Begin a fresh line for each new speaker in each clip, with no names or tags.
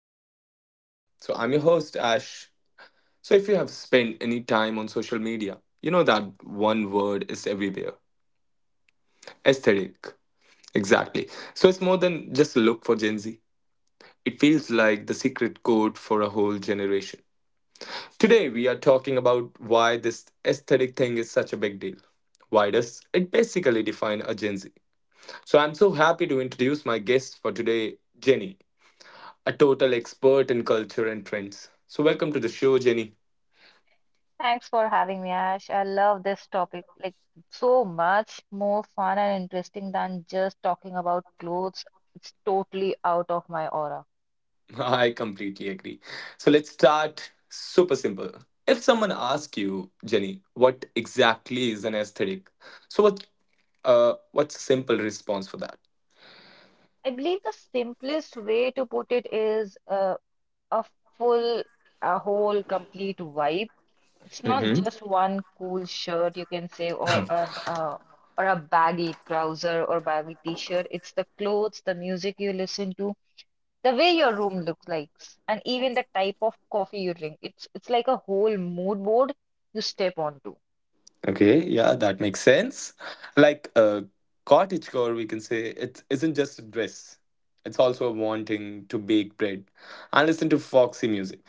Aesthetic Everything. So, I'm your host, Ash. So, if you have spent any time on social media, you know that one word is everywhere: aesthetic. Exactly. So, it's more than just a look for Gen Z, it feels like the secret code for a whole generation. Today, we are talking about why this aesthetic thing is such a big deal. Why does it basically define a Gen Z? So, I'm so happy to introduce my guest for today, Jenny, a total expert in culture and trends. So, welcome to the show, Jenny.
Thanks for having me, Ash. I love this topic, like so much more fun and interesting than just talking about clothes. It's totally out of my aura.
I completely agree. So, let's start super simple. If someone asks you, Jenny, what exactly is an aesthetic? So, what's a simple response for that?
I believe the simplest way to put it is a full, a whole, complete vibe. It's not
Hmm.
just one cool shirt you can say, or an or a baggy trouser or baggy t-shirt. It's the clothes, the music you listen to, the way your room looks like, and even the type of coffee you drink. It's like a whole mood board you step onto.
Okay, yeah, that makes sense. Like a cottagecore, we can say it isn't just a dress. It's also wanting to bake bread and listen to foxy music.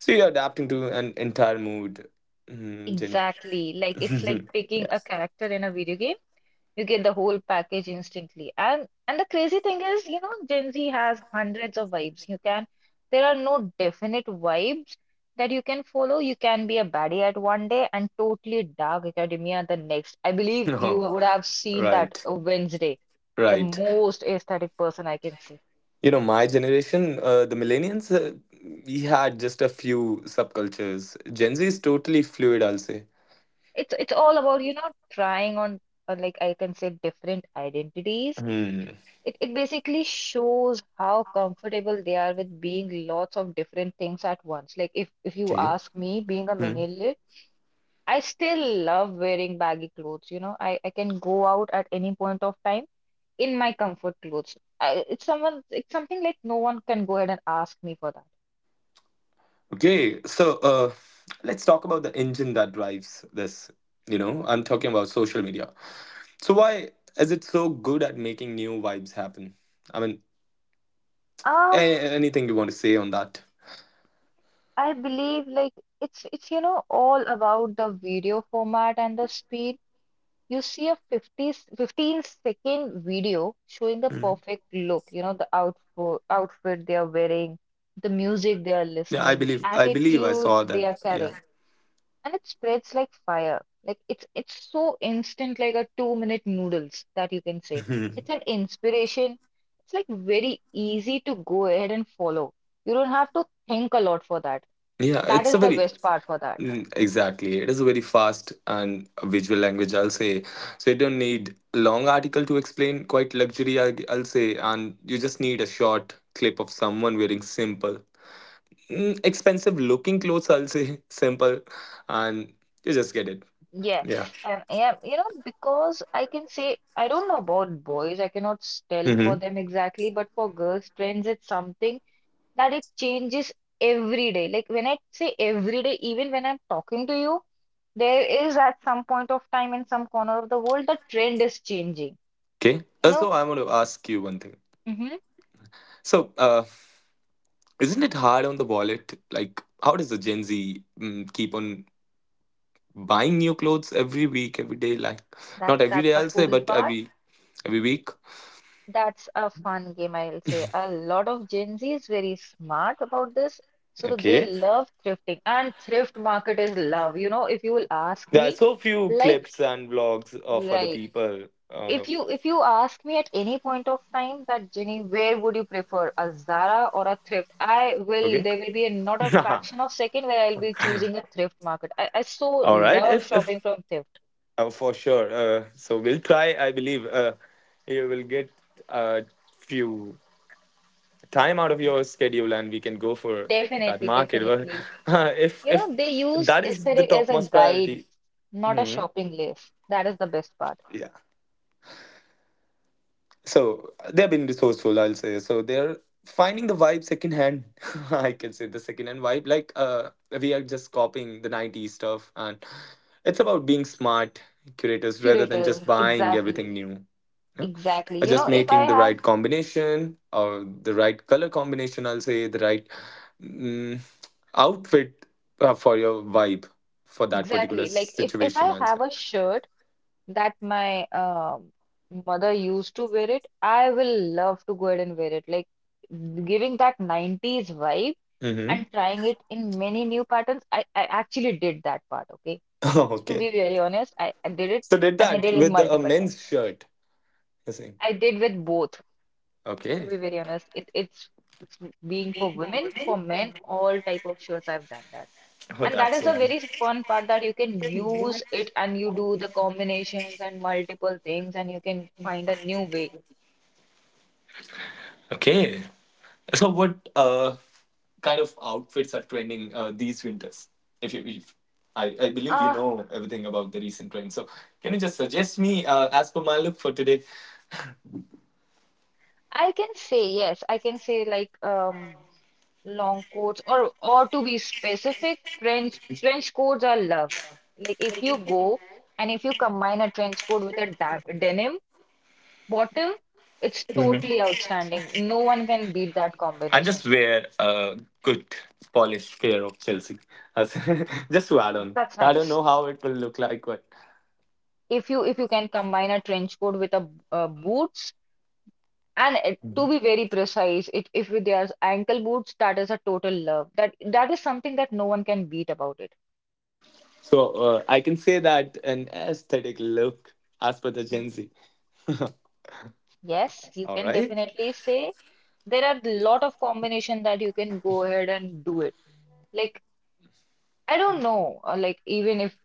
So you're adapting to an entire mood, Jenny.
Exactly. Like it's like picking
Yeah.
a character in a video game. You get the whole package instantly. And the crazy thing is, you know, Gen Z has hundreds of vibes. You can There are no definite vibes that you can follow. You can be a baddie at one day and totally dark academia the next. I believe you
No.
would have seen that
Right.
Wednesday, the
Right.
most aesthetic person I can see.
You know, my generation, the millennials, we had just a few subcultures. Gen Z is totally fluid, I'll say.
It's all about, you know, trying on like I can say different identities.
Hmm.
It basically shows how comfortable they are with being lots of different things at once. Like if you
Okay.
ask me, being a
Hmm.
millennial, I still love wearing baggy clothes. You know, I can go out at any point of time in my comfort clothes. It's someone, it's something like no one can go ahead and ask me for that.
Okay. So, let's talk about the engine that drives this. You know, I'm talking about social media. So, why is it so good at making new vibes happen? I mean,
Um,
anything you want to say on that?
I believe like it's you know all about the video format and the speed. You see a 50 15 second video showing the
Hmm.
perfect look, you know, the outfit they are wearing, the music they are
Yeah, I
listening, the
believe I believe I
attitude
saw
they
that.
are carrying, and it spreads like fire. Like it's so instant, like a 2 minute noodles that you can say.
Yeah.
It's an inspiration. It's like very easy to go ahead and follow. You don't have to think a lot for that.
Yeah,
That
it's a
is the
very.
best part for that.
Mm, exactly. It is a very fast and a visual language, I'll say. So you don't need long article to explain quite luxury, I'll say, and you just need a short clip of someone wearing simple, expensive looking clothes, I'll say, simple, and you just get it. Yeah.
Yes, and yeah, you know, because I can say I don't know about boys, I cannot tell for
Mm-hmm.
them exactly, but for girls, trends, it's something that it changes every day. Like when I say every day, even when I'm talking to you, there is at some point of time in some corner of the world, the trend is changing.
Okay.
You
Uh,
know,
So I want to ask you one thing.
hmm.
So, isn't it hard on the wallet? Like, how does the Gen Z keep on buying new clothes every week, every day. Like
That's
not every
that's
day,
the
I'll say,
cool
but
part.
every week.
That's a fun game, I'll say. A lot of Gen Z is very smart about this. So they
Okay.
love thrifting, and thrift market is love. You know, if you will ask
There are
me,
so few
like,
clips and vlogs of other
right,
people. Uh,
if you ask me at any point of time that Jenny, where would you prefer a Zara or a thrift? I will.
okay.
There will be not a fraction of second where I'll be choosing a thrift market. I so
All right.
love
If
shopping from thrift.
For sure. So we'll try. I believe you will get a few time out of your schedule, and we can go for that
Definitely,
market.
definitely.
But if
You know,
if
they use
that is the
aesthetic as a
topmost priority.
guide, not a
Hmm.
shopping list. That is the best part.
Yeah. So they've been resourceful, I'll say. So they're finding the vibe secondhand. I can say the secondhand vibe. Like we are just copying the '90s stuff, and it's about being smart curators rather than just
Curators,
buying everything
exactly,
new. Yeah?
exactly.
Or
You know,
just
if I
making the
have
right combination or the right color combination. I'll say the right mm, outfit for your vibe for that
Exactly,
particular
like if I
situation. I'll
have
say.
a shirt that my mother used to wear it, I will love to go ahead and wear it. Like giving that 90s vibe
Mm-hmm.
and trying it in many new patterns. I actually did that part, okay? So to
Okay.
be very honest, I did it,
So did
and I
that
did it
with a
multiple
men's
times.
shirt. You're saying.
I did with both. To
Okay.
be very honest, it's being for women, for men, all type of shirts I've done that. And that is a very fun part that you can use it and you do the combinations and multiple things and you can find a new way.
Okay. So, what kind of outfits are trending these winters? If you, if I believe you
Uh,
know everything about the recent trends, so can you just suggest me as per my look for today?
I can say yes, I can say like long coats, or to be specific, trench coats are love. Like if you go and if you combine a trench coat with a denim bottom, it's totally outstanding. No one can beat that
I just
combination.
wear a good polished pair of Chelsea, as, just to add on.
That's
I don't
nice.
know how it will look like, but
If you can combine a trench coat with a boots and it, to be very precise, it if they are ankle boots, that is a total love. That is something that no one can beat about it.
so I can say that an aesthetic look as per the
Mhm.
Gen Z.
Yes, you
All
can
right.
definitely say there are a lot of combination that you can go ahead and do it. Like, I don't know, like even if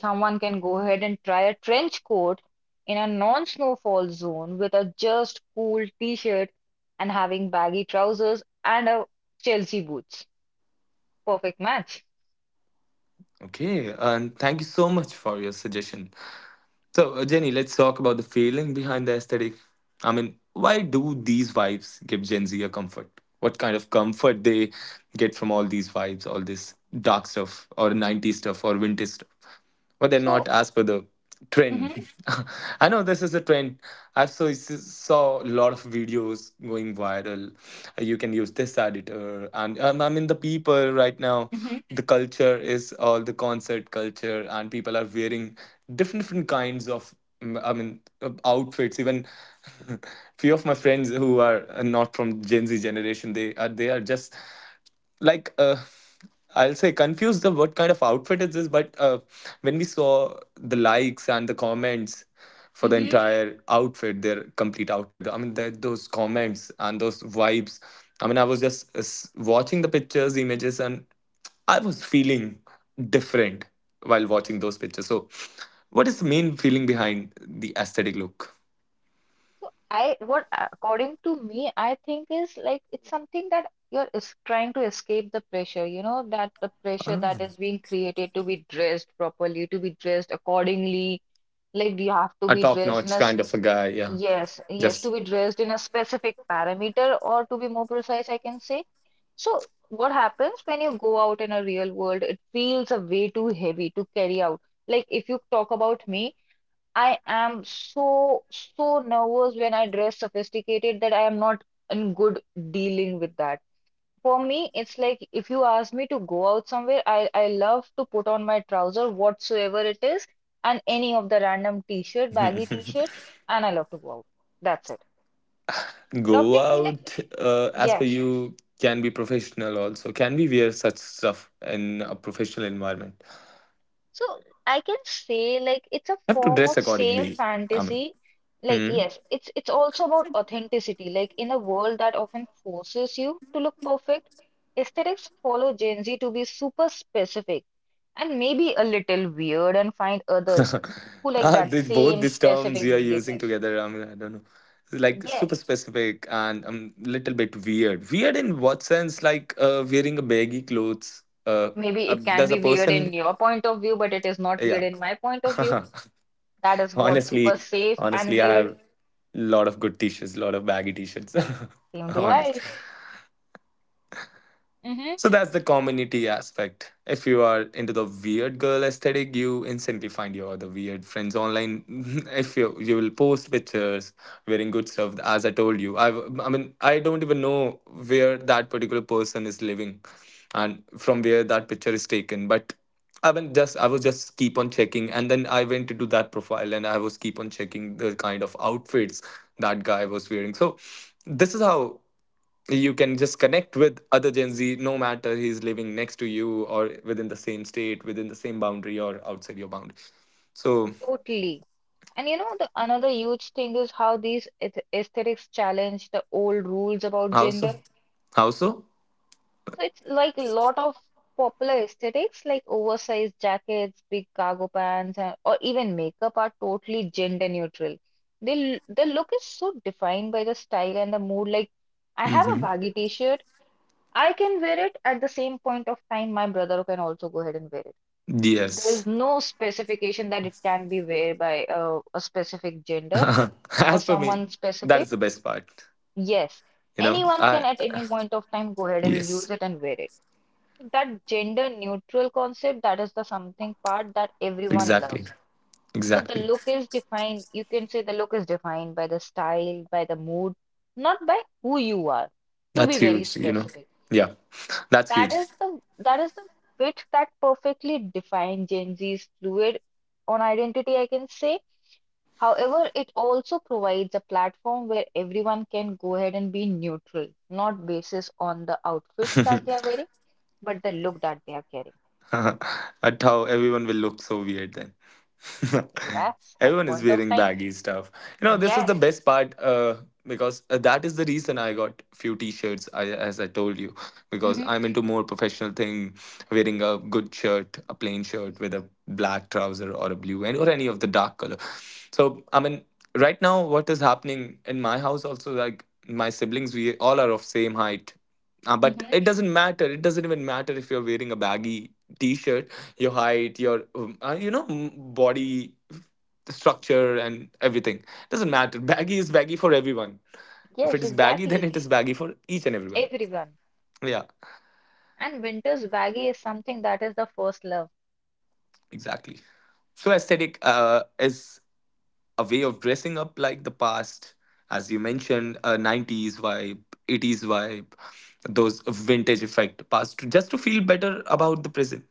someone can go ahead and try a trench coat in a non-snowfall zone with a just cool t-shirt and having baggy trousers and a Chelsea boots. Perfect match.
Okay, and thank you so much for your suggestion. So, Jenny, let's talk about the feeling behind the aesthetic. I mean, why do these vibes give Gen Z a comfort? What kind of comfort they get from all these vibes, all this dark stuff, or '90s stuff, or vintage stuff? But they're not
So,
as per the trend.
mhm,
I know this is a trend. I saw a lot of videos going viral. You can use this editor, and I mean the people right now,
mhm.
the culture is all the concert culture, and people are wearing different kinds of. I mean, outfits. Even few of my friends who are not from Gen Z generation, they are just like I'll say confused of what kind of outfit is this, but when we saw the likes and the comments for the
Mm-hmm.
entire outfit, their complete outfit, I mean, that those comments and those vibes. I mean, I was just watching the pictures, images, and I was feeling different while watching those pictures. So, what is the main feeling behind the aesthetic look?
So I what according to me, I think is like it's something that you're is trying to escape the pressure, you know, that the pressure that is
Ah.
being created to be dressed properly, to be dressed accordingly. Like you have to
A
be
top
dressed in
notch
a—
kind of a guy, yeah.
Yes, yes, to
Just.
be dressed in a specific parameter, or to be more precise, I can say. So, what happens when you go out in a real world? It feels a way too heavy to carry out. Like, if you talk about me, I am so nervous when I dress sophisticated that I am not in good dealing with that. For me, it's like if you ask me to go out somewhere, I love to put on my trouser, whatsoever it is, and any of the random t-shirt, baggy t-shirt, and I love to go out. That's it.
Go
Adopting, like,
out as per
yes.
you can be professional also. Can we wear such stuff in a professional environment?
So I can say like it's a
Have to
form
dress
of same
accordingly. I mean,
fantasy. Like,
hmm?
yes, it's also about authenticity. Like in a world that often forces you to look perfect, aesthetics follow Gen Z to be super specific, and maybe a little weird, and find others who like
Ah,
that
both
same
these terms
specific
you are using
weirdness.
together. I mean, I don't know. Like
Yes,
super specific and a little bit weird. Weird in what sense? Like wearing a baggy clothes.
maybe it can
Does a
be weird
person?
in your point of view, but it is not weird
Yeah.
in my point of view. That is what super
honestly,
safe and
honestly, I
weird
have lot of good t-shirts, lot of baggy t-shirts.
seem to
Honest.
I. Mm-hmm.
So that's the community aspect. If you are into the weird girl aesthetic, you instantly find your other weird friends online. If you will post pictures wearing good stuff, as I told you, I mean I don't even know where that particular person is living, and from where that picture is taken. But I mean, just I was just keep on checking, and then I went into that profile, and I was keep on checking the kind of outfits that guy was wearing. So this is how you can just connect with other Gen Z, no matter he's living next to you or within the same state, within the same boundary, or outside your boundary. So
Totally. And you know, the another huge thing is how these aesthetics challenge the old rules about
how so?
gender.
How so?
So it's like a lot of popular aesthetics like oversized jackets, big cargo pants, and, or even makeup are totally gender neutral. The look is so defined by the style and the mood. Like, I have a
Hmm.
baggy t-shirt. I can wear it at the same point of time. My brother can also go ahead and wear it. There's
Yes.
no specification that it can be wear by a specific gender or
As for me,
someone
that
specific.
is the best part,
Yes,
you know.
anyone
I.
can at any point of time go ahead and use
Yes.
it and wear it. So that gender neutral concept, that is the something part that everyone
Exactly,
loves. So the
exactly.
look is defined, you can say the look is defined by the style, by the mood, not by who you are, to
That's
be very
huge, you know.
specific.
Yeah. That's
That
huge.
is the that is the fit that perfectly defines Gen Z's fluid on identity, I can say. However, it also provides a platform where everyone can go ahead and be neutral, not basis on the outfits that they are wearing, but the look that they are carrying.
At how everyone will look so weird then.
Yes, at
Everyone is
point of
wearing
time,
baggy stuff. You know, this is the
yes.
best part because that is the reason I got few t-shirts. I, as I told you, because
Hmm.
I'm into more professional thing, wearing a good shirt, a plain shirt with a black trouser or a blue and or any of the dark color. So I mean, right now what is happening in my house also, like my siblings, we all are of same height, but
Hmm.
it doesn't matter. It doesn't even matter if you're wearing a baggy t-shirt, your height, your body structure and everything. Doesn't matter. Baggy is baggy for everyone. If it
Yes,
is baggy, then
exactly.
it is baggy for each and everyone.
Everyone.
Yeah,
And winter's baggy is something that is the first love.
exactly. So aesthetic is a way of dressing up like the past, as you mentioned, a '90s vibe, '80s vibe, those vintage effect past, to, just to feel better about the present.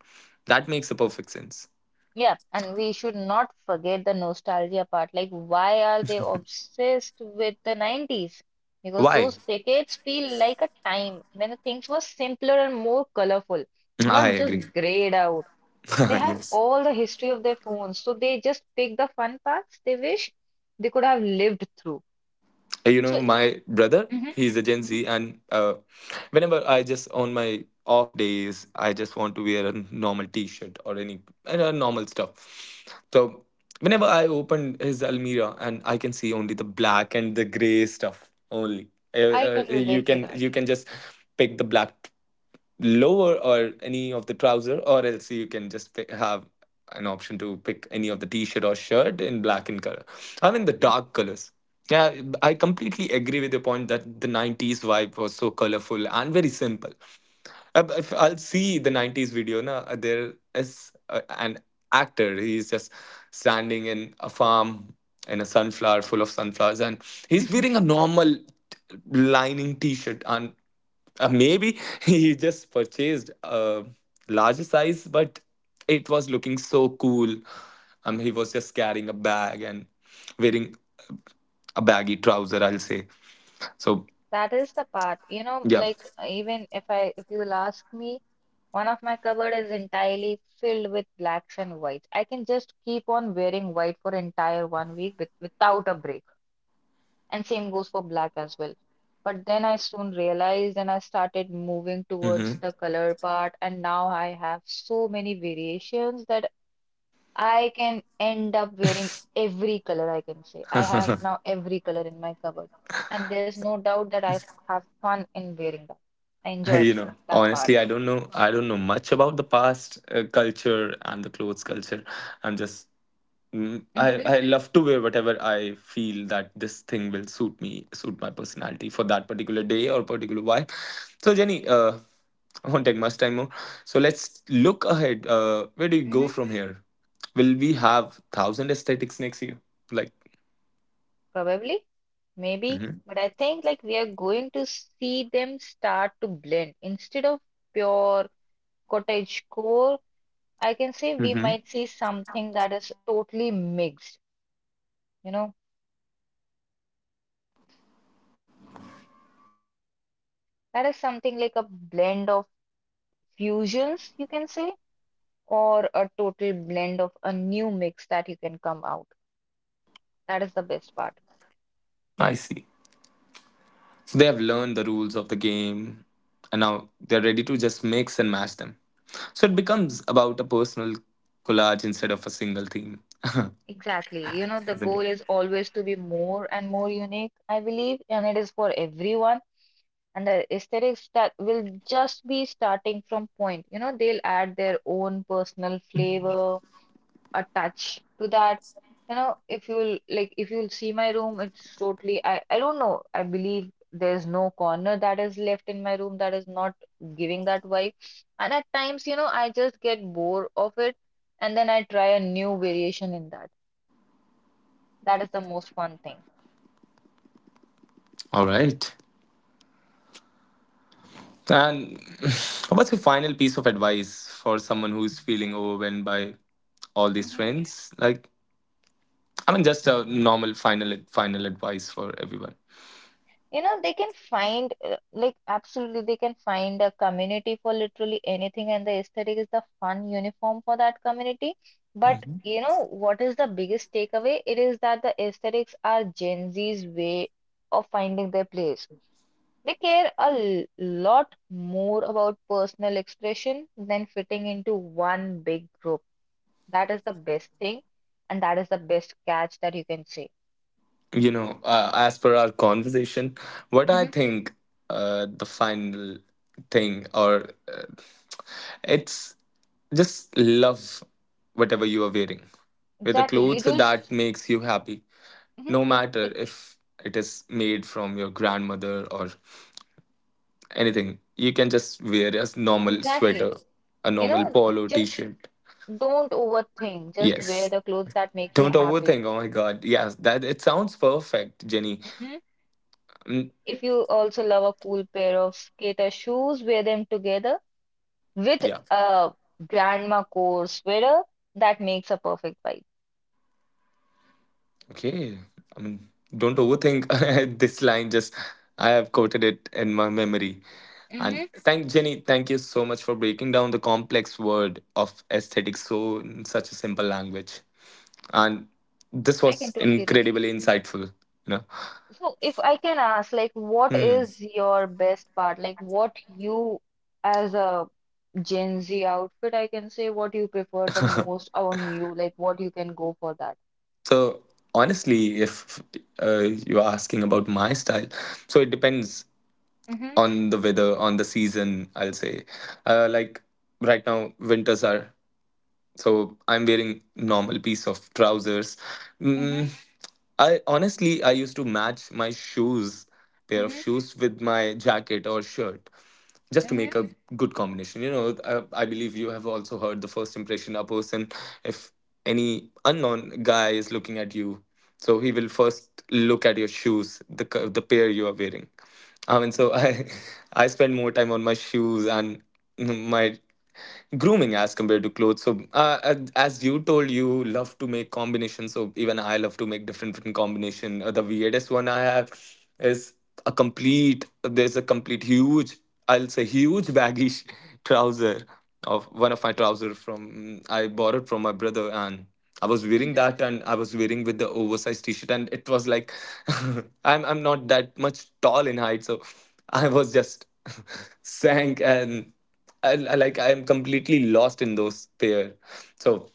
That makes a perfect sense.
Yeah, and we should not forget the nostalgia part. Like, why are they obsessed with the 90s? Because
Why?
those decades feel like a time when things were simpler and more colorful,
I
not
agree.
just grayed out. They have
Yes.
all the history of their phones, so they just pick the fun parts they wish they could have lived through.
You
So
know, my brother,
hmm.
he's a Gen
Hmm.
Z, and whenever I just on my off days, I just want to wear a normal T-shirt or normal stuff. So whenever I open his Almira, and I can see only the black and the gray stuff only.
I can
You
relate to
can
that.
you can just pick the black lower or any of the trouser, or else you can just pick, have an option to pick any of the t-shirt or shirt in black in color. I mean the dark colors. Yeah, I completely agree with your point that the '90s vibe was so colorful and very simple. If I'll see the '90s video, there is an actor. He's just standing in a farm in a sunflower full of sunflowers, and he's
Hmm.
wearing a normal lining t shirt. And maybe he just purchased a larger size, but it was looking so cool. He was just carrying a bag and wearing a baggy trouser, I'll say. So,
That is the part, you know,
yeah.
like even if I, if you'll ask me, one of my cupboard is entirely filled with blacks and whites. I can just keep on wearing white for entire 1 week without a break. And same goes for black as well. But then I soon realized, and I started moving towards
Mm-hmm.
the color part, and now I have so many variations that I can end up wearing every color, I can say. I have now every color in my cupboard, and there's no doubt that have fun in wearing that. I enjoy
you know
that part.
Honestly, I don't know much about the past culture and the clothes culture. I'm just. mm, i
Hmm.
i love to wear whatever I feel that this thing will suit me, suit my personality for that particular day or particular vibe. So Jenny, I won't take much time more. So let's look ahead, where do you
Hmm.
go from here? Will we have 1,000 aesthetics next year? Like.
Probably, maybe, but I think like we are going to see them start to blend instead of pure cottage core. I can say we
Mm-hmm.
might see something that is totally mixed, you know, that is something like a blend of fusions, you can say, or a total blend of a new mix that you can come out. That is the best part.
I see. So they have learned the rules of the game, and now they're ready to just mix and match them. So it becomes about a personal collage instead of a single theme.
Exactly. You know, the
Isn't
goal
it?
is always to be more and more unique, I believe, and it is for everyone. And the aesthetics that will just be starting from point. You know, they'll add their own personal flavor, attached to that. You know, if you'll like, if you'll see my room, it's totally, I don't know. I believe there's no corner that is left in my room that is not giving that vibe. And at times, I just get bored of it, and then I try a new variation in that. That is the most fun thing.
All right. And what's your final piece of advice for someone who's feeling overwhelmed by all these trends? Like, I mean, just a normal final advice for everyone.
You know, they can find, like, absolutely, they can find a community for literally anything, and the aesthetic is the fun uniform for that community. But, you know, what is the biggest takeaway? It is that the aesthetics are Gen Z's way of finding their place. They care a lot more about personal expression than fitting into one big group. That is the best thing, and that is the best catch that you can say.
As per our conversation, what I
Mhm.
think the final thing or it's just love whatever you are wearing, with the
Exactly. You
clothes
just.
that makes you happy,
Mhm.
no matter if it is made from your grandmother or anything. You can just wear a normal
Exactly.
sweater, a
You
normal
know,
polo
just
t-shirt.
don't overthink. Just wear
Yes.
the clothes that make you
Don't
happy.
overthink. Oh my God. Yes, that it sounds perfect, Jenny.
Mhm.
Mm,
If you also love a cool pair of skater shoes, wear them together with
yeah.
a grandma core sweater that makes a perfect vibe.
Okay. I mean, don't overthink this line. Just I have quoted it in my memory. And
Hmm.
thank Jenny. Thank you so much for breaking down the complex word of aesthetics so in such a simple language. And this
I can
was
totally relate.
incredibly insightful. You know.
So, if I can ask, like, what
Hmm.
is your best part? Like, what you as a Gen Z outfit, I can say, what you prefer the most on you? Like, what you can go for that?
So honestly, if uh, you're asking about my style, so it depends on the weather, on the season. I'll say, like right now, winters are so I'm wearing normal piece of trousers,
Mm-hmm.
mm, I honestly I used to match my shoes, pair of
Mhm,
shoes, with my jacket or shirt just to make
mhm,
a good combination, you know. I believe you have also heard the first impression a person, if any unknown guy is looking at you, so he will first look at your shoes, the the pair you are wearing. I mean, so I I spend more time on my shoes and my grooming as compared to clothes. So as you told you love to make combinations, so even I love to make different different combination. The weirdest one I have is a complete there's a complete huge, I'll say, huge baggish trouser of one of my trousers from I borrowed from my brother. And I was wearing
mhm.
that, and I was wearing with the oversized t-shirt, and it was like I'm not that much tall in height, so I was just sank. And I like I'm completely lost in those pair. So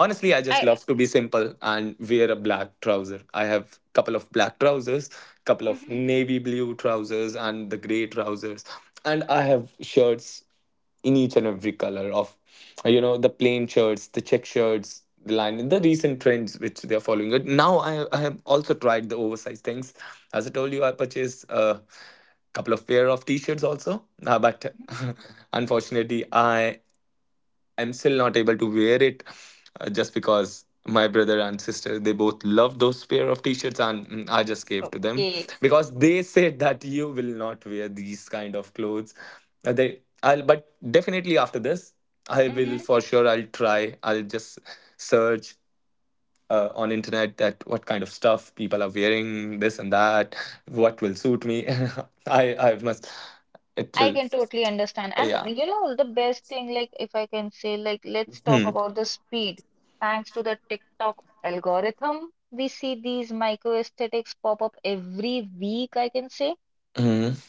honestly, I just
I
love to be simple and wear a black trouser. I have couple of black trousers, couple of
mhm,
navy blue trousers, and the grey trousers. And I have shirts in each and every color of, you know, the plain shirts, the check shirts, the recent trends which they are following. But now I have also tried the oversized things. As I told you, I purchased a couple of pair of t-shirts also. But
mhm.
unfortunately, I'm still not able to wear it, just because my brother and sister they both love those pair of t-shirts, and I just gave to them
Okay.
because they said that you will not wear these kind of clothes. They I'll, but definitely after this, I will
Mhm.
for sure, I'll try, I'll just search on internet that what kind of stuff people are wearing, this and that, what will suit me. I must, it
I
will.
can totally understand. And
Yeah.
you know, the best thing, like if I can say, like let's talk
Hmm.
about the speed. Thanks to the TikTok algorithm, we see these micro aesthetics pop up every week, I can say.
Hmm.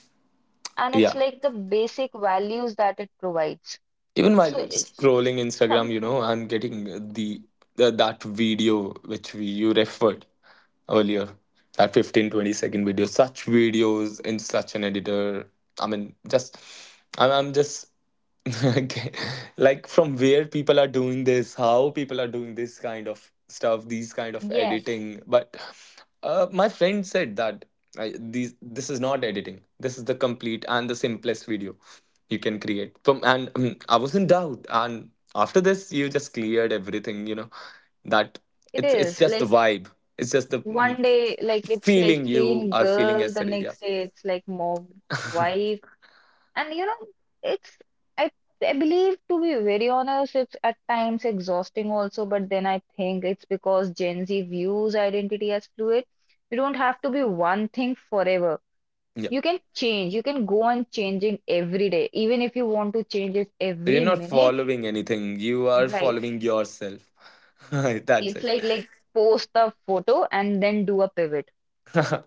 And it's
Yeah,
like the basic values that it provides.
even while
So it's
scrolling instagram, you
something,
know, I'm getting the, that video which we, you referred earlier, that 15 20-second video, such videos in such an editor. I mean, just I'm just okay, like, from where people are doing this, how people are doing this kind of stuff, these kind of
yes,
editing. But my friend said that I, these this is not editing, this is the complete and the simplest video you can create from. And I was in doubt, and after this you just cleared everything, you know, that
it
it's
is.
just the
Like
vibe. It's just the
one day, like it's like
feeling you
seeing
are feeling
girl, the
yesterday. Yeah,
next day it's like mom, wife. And you know, it's I I believe, to be very honest, it's at times exhausting also, but then I think it's because Gen Z views identity as fluid. You don't have to be one thing forever.
yeah.
You can change. You can go on changing every day, even if you want to change it
So you're
every
not
minute,
following anything. You are
right?
following yourself. That's
It's
it.
like post a photo and then do a pivot.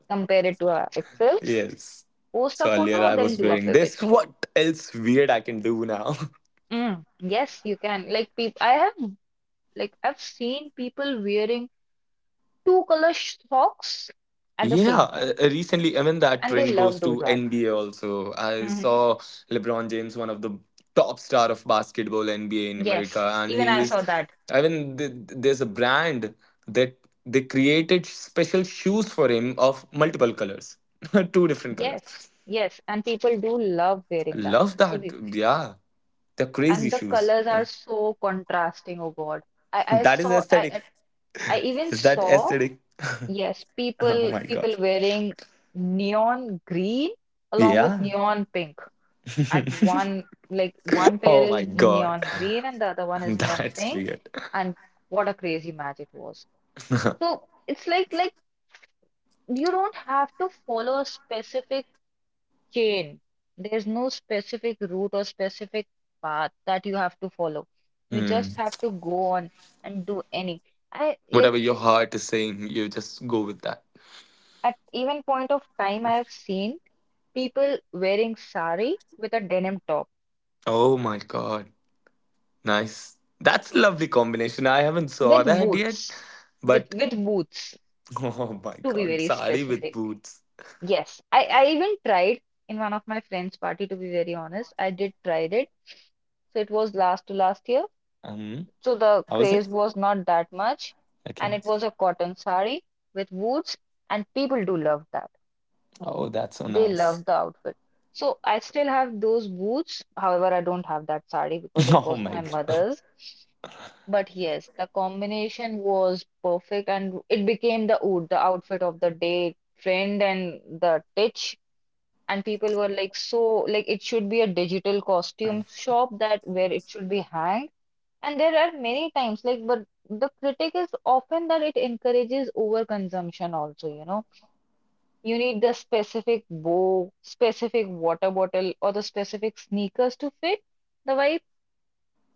Compare it to a Excel.
Yes.
Post a
So earlier
photo,
I
then
was
do a
wearing
pivot.
this. What else weird I can do now?
Mm, yes, you can. Like people, I have. Like I've seen people wearing two color socks at the
Yeah,
same time,
recently, I mean, that
and they
trend
love
goes
do
to
that.
NBA also. I
Mhm.
saw LeBron James, one of the top star of basketball NBA in America,
Yes,
and
even
he
I
is,
saw that.
I mean, there's a brand that they created special shoes for him of multiple colors, two different
Yes,
colors.
yes, and people do love
I
wearing that.
love
to
that.
be-
Yeah, they're
And
crazy
the
shoes,
colors
you
are
know.
so contrasting. Oh God, I I
That is
saw I
aesthetic.
I I even
Is that
saw,
aesthetic?
yes,
Oh
people
my God.
people wearing neon green along with
Yeah.
neon pink. At one, like one pair
Oh my
is
God.
neon green and the other one is neon
That's
pink,
weird.
and what a crazy match it was. So it's like you don't have to follow a specific chain. There's no specific route or specific path that you have to follow. You
Hmm.
just have to go on and do any. I like,
Whatever your heart is saying, you just go with that.
at even point of time, I have seen people wearing sari with a denim top,
Oh my god. Nice. That's a lovely combination. I haven't
with
saw that yet.
boots, with
But
with boots,
oh my
to be
god,
very
sari with
specific.
boots.
Yes, I even tried in one of my friend's party, to be very honest. I did tried it. So it was last to last year.
Um
So the
how is
craze
it?
was not that much. And
Okay.
it was a cotton sari with boots. And people do love that.
Oh, that's so
They
nice.
love the outfit. So I still have those boots. However, I don't have that sari because it
Oh
was
my
my
god.
mother's. But yes, the combination was perfect and it became the oud, the outfit of the day trend and the titch. And people were like so, like it should be a digital costume shop that where it should be hanged. And there are many times like, but the critic is often that it encourages overconsumption also, you know, you need the specific bow, specific water bottle, or the specific sneakers to fit the vibe.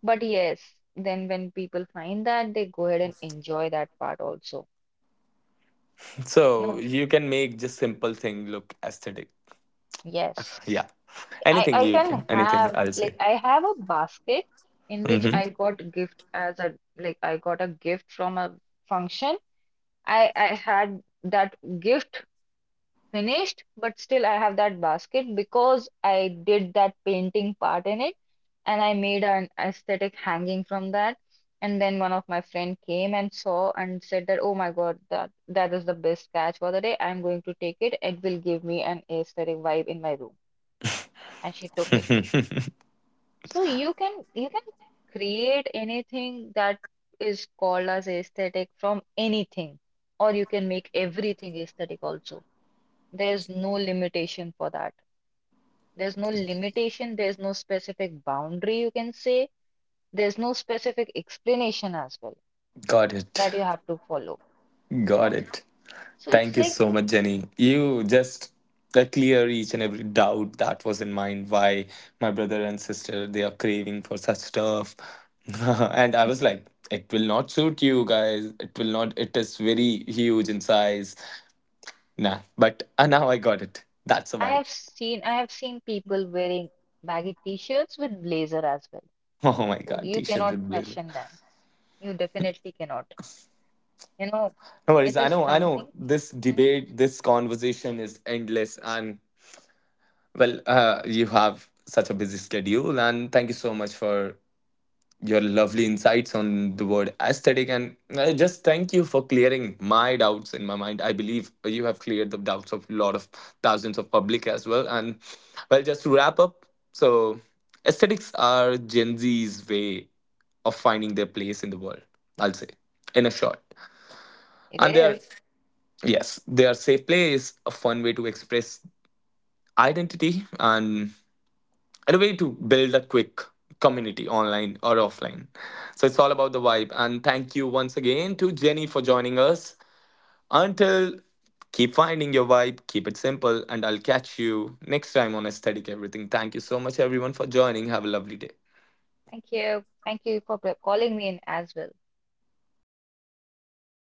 But yes, then when people find that, they go ahead and enjoy that part also.
So
No,
you can make just simple thing look aesthetic.
yes,
Yeah.
I
Anything
I
you can,
can
anything
have
I'll say.
like I have a basket in which
Hmm.
I got gift as a like I got a gift from a function. I had that gift finished, but still I have that basket because I did that painting part in it, and I made an aesthetic hanging from that. And then one of my friend came and saw and said that, oh my God, that is the best catch for the day. I'm going to take it. It will give me an aesthetic vibe in my room. And she took it. So you can create anything that is called as aesthetic from anything, or you can make everything aesthetic also. There's no limitation for that. There's no limitation, there's no specific boundary you can say, there's no specific explanation as well
Got it.
that you have to follow, you
Got
know?
it.
So it's
Thank you
like
so much, Jenny. You just clear each and every doubt that was in mind why my brother and sister they are craving for such stuff. And I was like, it will not suit you guys. It will not. It is very huge in size. Nah, but now I got it. That's a
I
vibe.
have seen I have seen people wearing baggy t-shirts with blazer as well.
Oh my
So
god,
you
t-shirt
cannot
with blazer.
question them. You definitely cannot. You know,
No worries.
it
I
is
know. I know.
something.
This
Mhm.
debate, this conversation is endless, and well, you have such a busy schedule, and thank you so much for your lovely insights on the word aesthetic, and I just thank you for clearing my doubts in my mind. I believe you have cleared the doubts of a lot of thousands of public as well. And well, just to wrap up, so aesthetics are Gen Z's way of finding their place in the world, I'll say, in a short,
It
and they are,
is.
yes, they are safe place, a fun way to express identity, and a way to build a quick community online or offline. So it's all about the vibe. And thank you once again to Jenny for joining us. Until, keep finding your vibe, keep it simple, and I'll catch you next time on Aesthetic Everything. Thank you so much, everyone, for joining. Have a lovely day.
Thank you. Thank you for calling me in as well.